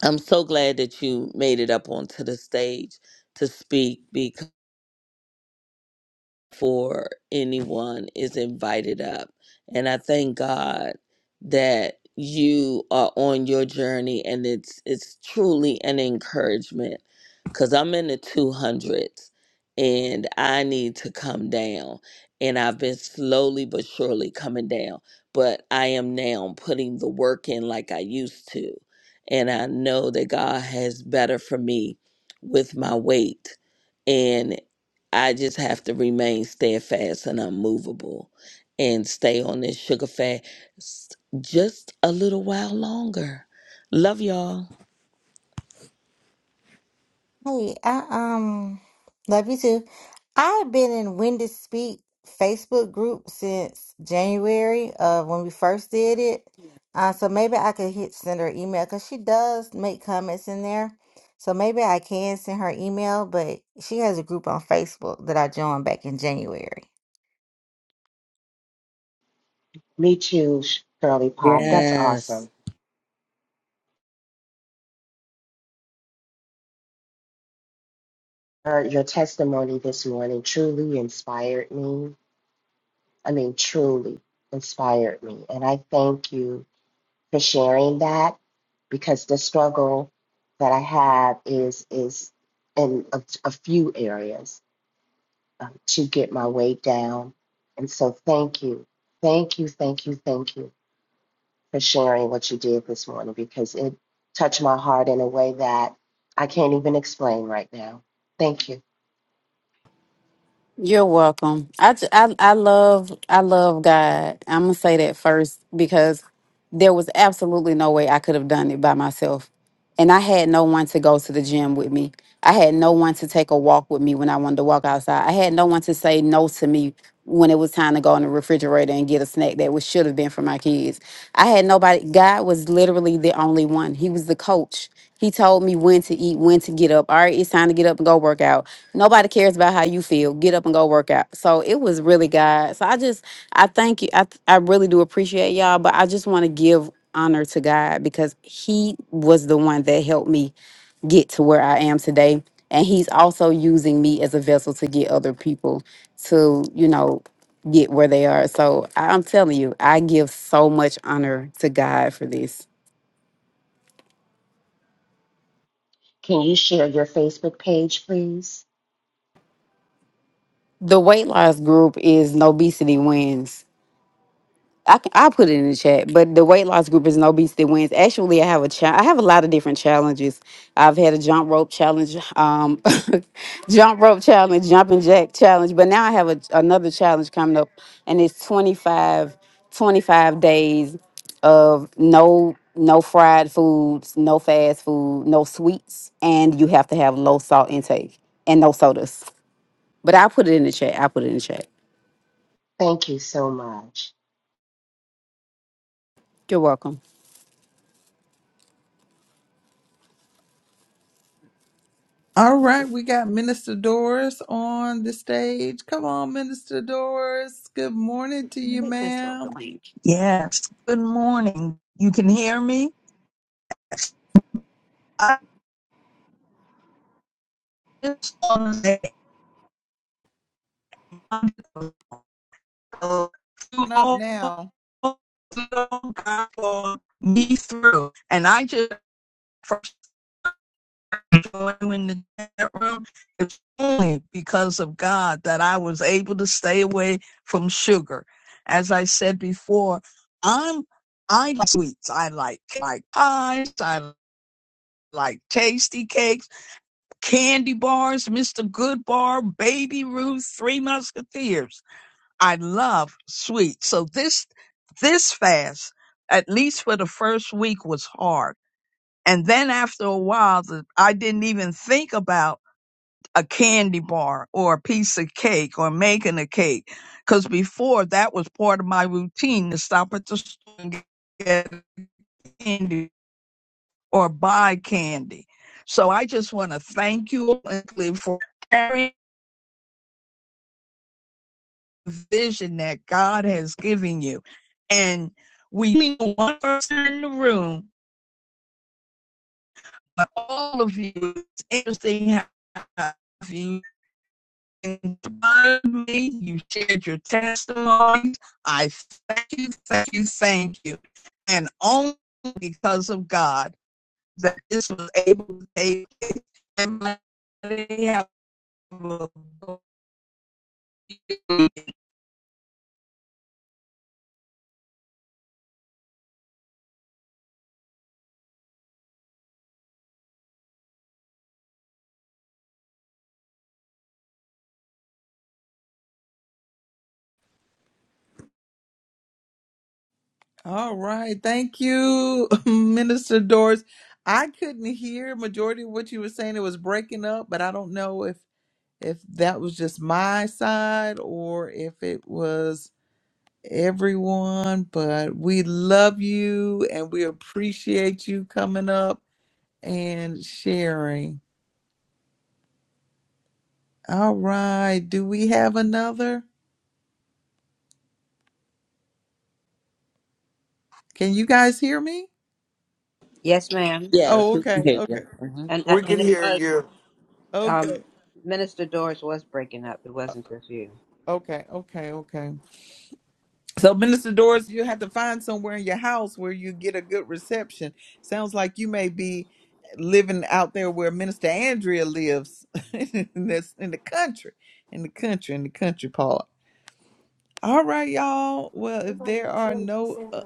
I'm so glad that you made it up onto the stage to speak for anyone is invited up. And I thank God that you are on your journey and it's it's truly an encouragement cuz I'm in the 200s and I need to come down and I've been slowly but surely coming down, but I am now putting the work in like I used to. And I know that God has better for me with my weight and. I just have to remain steadfast and unmovable and stay on this sugar fast just a little while longer. Love y'all.
Hey, I um love you too. I've been in Wendy Speak Facebook group since January of when we first did it. Uh, so maybe I could hit send her email because she does make comments in there. So maybe I can send her email, but she has a group on Facebook that I joined back in January.
Me too, Shirley Pop. That's
Yes.
awesome. Her, your testimony this morning truly inspired me. I mean, truly inspired me. And I thank you for sharing that because the struggle that I have is is in a, a few areas um, to get my weight down. And so thank you. Thank you, thank you, thank you for sharing what you did this morning because it touched my heart in a way that I can't even explain right now. Thank you.
You're welcome. I, j- I I love I love God. I'm gonna say that first because there was absolutely no way I could have done it by myself and I had no one to go to the gym with me. I had no one to take a walk with me when I wanted to walk outside. I had no one to say no to me when it was time to go in the refrigerator and get a snack that was should have been for my kids. I had nobody. God was literally the only one. He was the coach. He told me when to eat, when to get up. All right, it's time to get up and go work out. Nobody cares about how you feel. Get up and go work out. So it was really God. So I just I thank you. I I really do appreciate y'all, but I just want to give honor to God because He was the one that helped me get to where I am today. And He's also using me as a vessel to get other people to, you know, get where they are. So I- I'm telling you, I give so much honor to God for this.
Can you share your Facebook page, please?
The weight loss group is Obesity Wins. I can I put it in the chat, but the weight loss group is an obesity wins. Actually, I have a cha- I have a lot of different challenges. I've had a jump rope challenge, um, jump rope challenge, jumping jack challenge, but now I have a, another challenge coming up, and it's 25 25 days of no no fried foods, no fast food, no sweets, and you have to have low salt intake and no sodas. But I put it in the chat. I put it in the chat.
Thank you so much.
You're welcome.
All right, we got Minister Doris on the stage. Come on, Minister Doris. Good morning to you, ma'am.
Yes. Good morning. You can hear me? I just want to say uh, to
Open Up
all
now.
God for me through. And I just first joined in the chat room. It's only because of God that I was able to stay away from sugar. As I said before, I'm I like sweets. I like like pies. I like tasty cakes. Candy Bars, Mr. Goodbar, Baby Ruth, Three Musketeers. I love sweets. So this this fast, at least for the first week, was hard. And then after a while, the, I didn't even think about a candy bar or a piece of cake or making a cake, because before that was part of my routine to stop at the store and get candy or buy candy. So I just want to thank you all Uncle, for carrying. vision that God has given you. And we meet one person in the room, but all of you, it's interesting how you inspired me, you shared your testimonies. I thank you, thank you, thank you. And only because of God that this was able to take place. And I have a
All right, thank you, Minister Doris. I couldn't hear majority of what you were saying. It was breaking up, but I don't know if if that was just my side or if it was everyone, but we love you and we appreciate you coming up and sharing. All right. Do we have another? Can you guys hear me?
Yes, ma'am.
Yes,
Oh,
we can
okay.
hear you.
Okay.
hmm
And uh,
We can
and it
hear
was
you.
um,
Okay.
Minister Doris was breaking up. It wasn't just you.
Okay. Okay. Okay. So, Minister Doris, you have to find somewhere in your house where you get a good reception. Sounds like you may be living out there where Minister Andrea lives. in this in the country. In the country, in the country part. All right, y'all. Well, if there are no uh,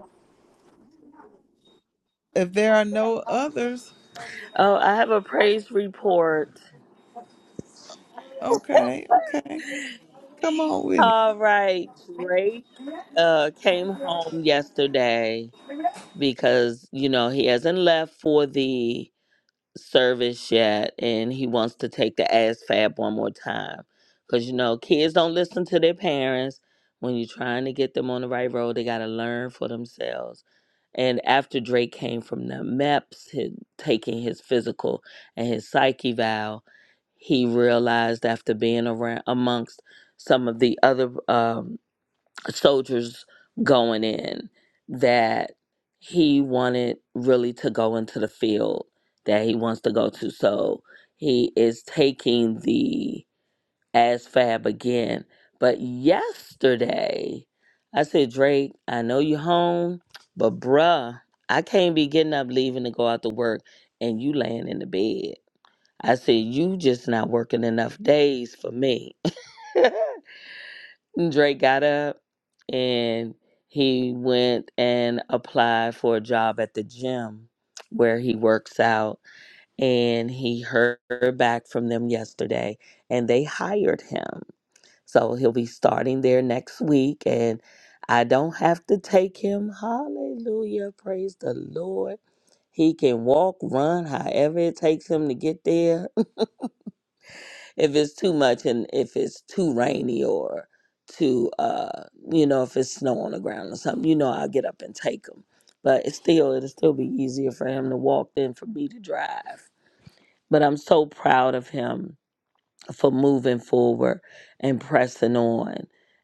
if there are no others,
Oh, I have a praise report.
okay, okay. Come on with it.
All right, Drake uh, came home yesterday because you know he hasn't left for the service yet and he wants to take the ASFAB one more time. Because, you know, kids don't listen to their parents. When you're trying to get them on the right road, they got to learn for themselves. And after Drake came from the MEPS, his, taking his physical and his psyche vow, he realized after being around amongst some of the other um soldiers going in that he wanted really to go into the field that he wants to go to. So he is taking the ASFAB again. But yesterday, I said, Drake, I know you home, but bruh, I can't be getting up, leaving to go out to work, and you laying in the bed. I said, you just not working enough days for me. Drake got up and he went and applied for a job at the gym where he works out and he heard back from them yesterday and they hired him. So he'll be starting there next week and I don't have to take him. Hallelujah. Praise the Lord. He can walk, run, however it takes him to get there if it's too much and if it's too rainy or too uh you know if it's snow on the ground or something you know i'll get up and take him but it's still it'll still be easier for him to walk than for me to drive but i'm so proud of him for moving forward and pressing on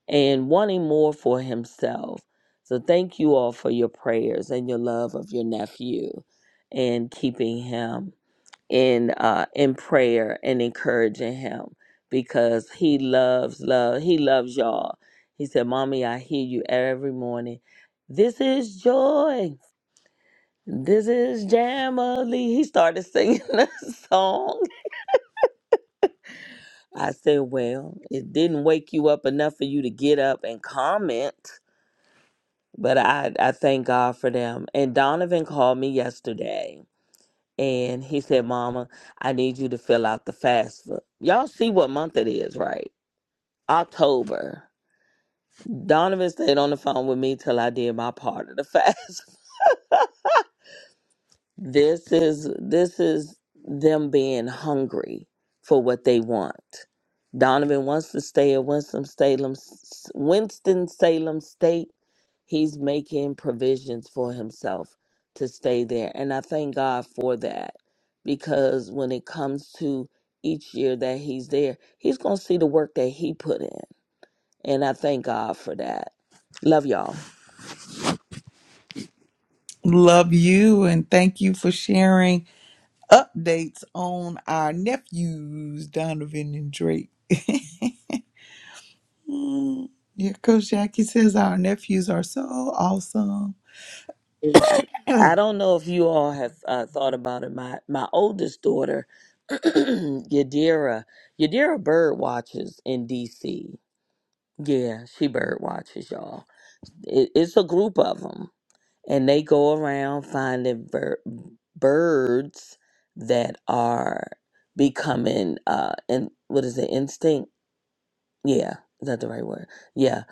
and wanting more for himself so thank you all for your prayers and your love of your nephew and keeping him in uh in prayer and encouraging him because he loves love he loves y'all he said mommy i hear you every morning this is joy this is jamily he started singing a song i said well it didn't wake you up enough for you to get up and comment but i i thank god for them and donovan called me yesterday and he said, Mama, I need you to fill out the FAFSA. Y'all see what month it is, right? October. Donovan stayed on the phone with me till I did my part of the fast. this is this is them being hungry for what they want. Donovan wants to stay at Winston Salem Winston Salem State He's making provisions for himself to stay there. And I thank God for that because when it comes to each year that he's there, he's going to see the work that he put in. And I thank God for that. Love y'all.
Love you and thank you for sharing updates on our nephews, Donovan and Drake. Mm. Yeah, Coach Jackie says our nephews are so awesome.
I don't know if you all have uh, thought about it. My my oldest daughter, Yadira, Yadira bird watches in D.C. Yeah, she bird watches, y'all. It, it's a group of 'em. and they go around finding bir- birds that are becoming uh and what is it instinct yeah is that the right word yeah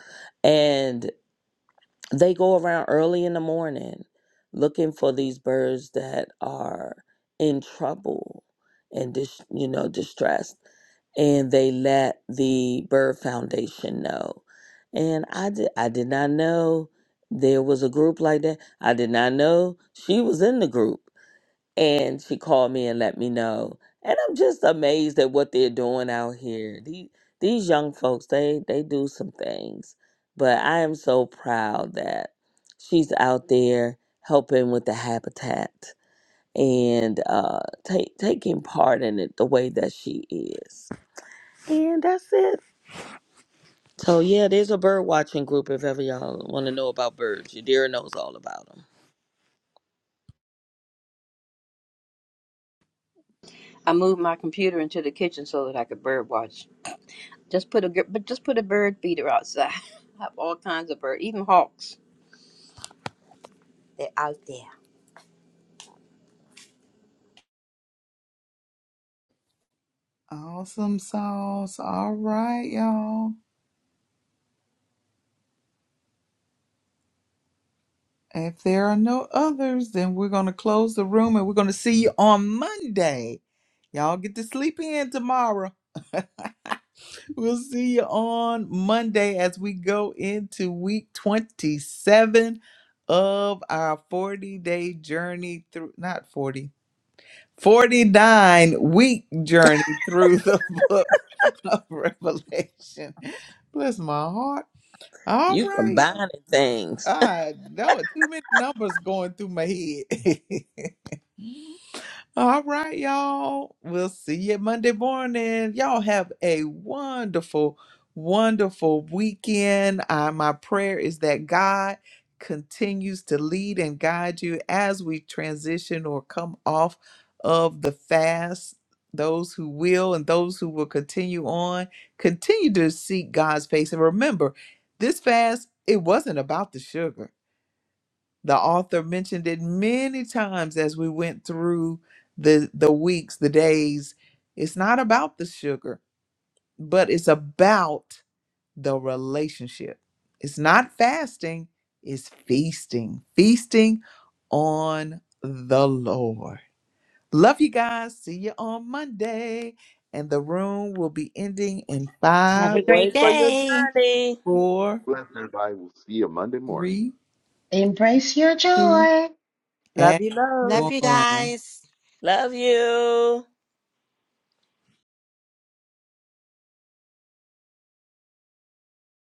and they go around early in the morning looking for these birds that are in trouble and dis- you know distressed and they let the bird foundation know and i did i did not know there was a group like that i did not know she was in the group and she called me and let me know. And I'm just amazed at what they're doing out here. These these young folks, they they do some things. But I am so proud that she's out there helping with the habitat and uh, take taking part in it the way that she is. And that's it. So yeah, there's a bird watching group if ever y'all want to know about birds. Your dear knows all about them.
I moved my computer into the kitchen so that I could bird watch. Just put a gir- but just put a bird feeder outside. I have all kinds of bird, even hawks. They're out there.
awesome sauce. All right, y'all. If there are no others, then we're going to close the room and we're going to see you on Monday. Y'all get to sleep in tomorrow. We'll see you on Monday as we go into week 27 of our 40 day journey through, not 40. 49 week journey through the book of Revelation. Bless my heart. All
You
right, y'all.
combining things.
I know it. Too many numbers going through my head. All right, y'all. We'll see you Monday morning. Y'all have a wonderful, wonderful weekend. Uh, my prayer is that God continues to lead and guide you as we transition or come off of the fast. Those who will and those who will continue on, continue to seek God's face. And remember, this fast, it wasn't about the sugar the author mentioned it many times as we went through the the weeks, the days. It's not about the sugar, but it's about the relationship. It's not fasting, it's feasting. Feasting on the Lord. Love you guys. See you on Monday. And the room will be ending in
Have
five,
a great
Wait for your
day.
journey.
four,
Bless everybody. We'll see you Monday morning.
three,
Embrace your
two,
joy.
Love
and
you,
Love
loads.
you
one.
guys.
Love you.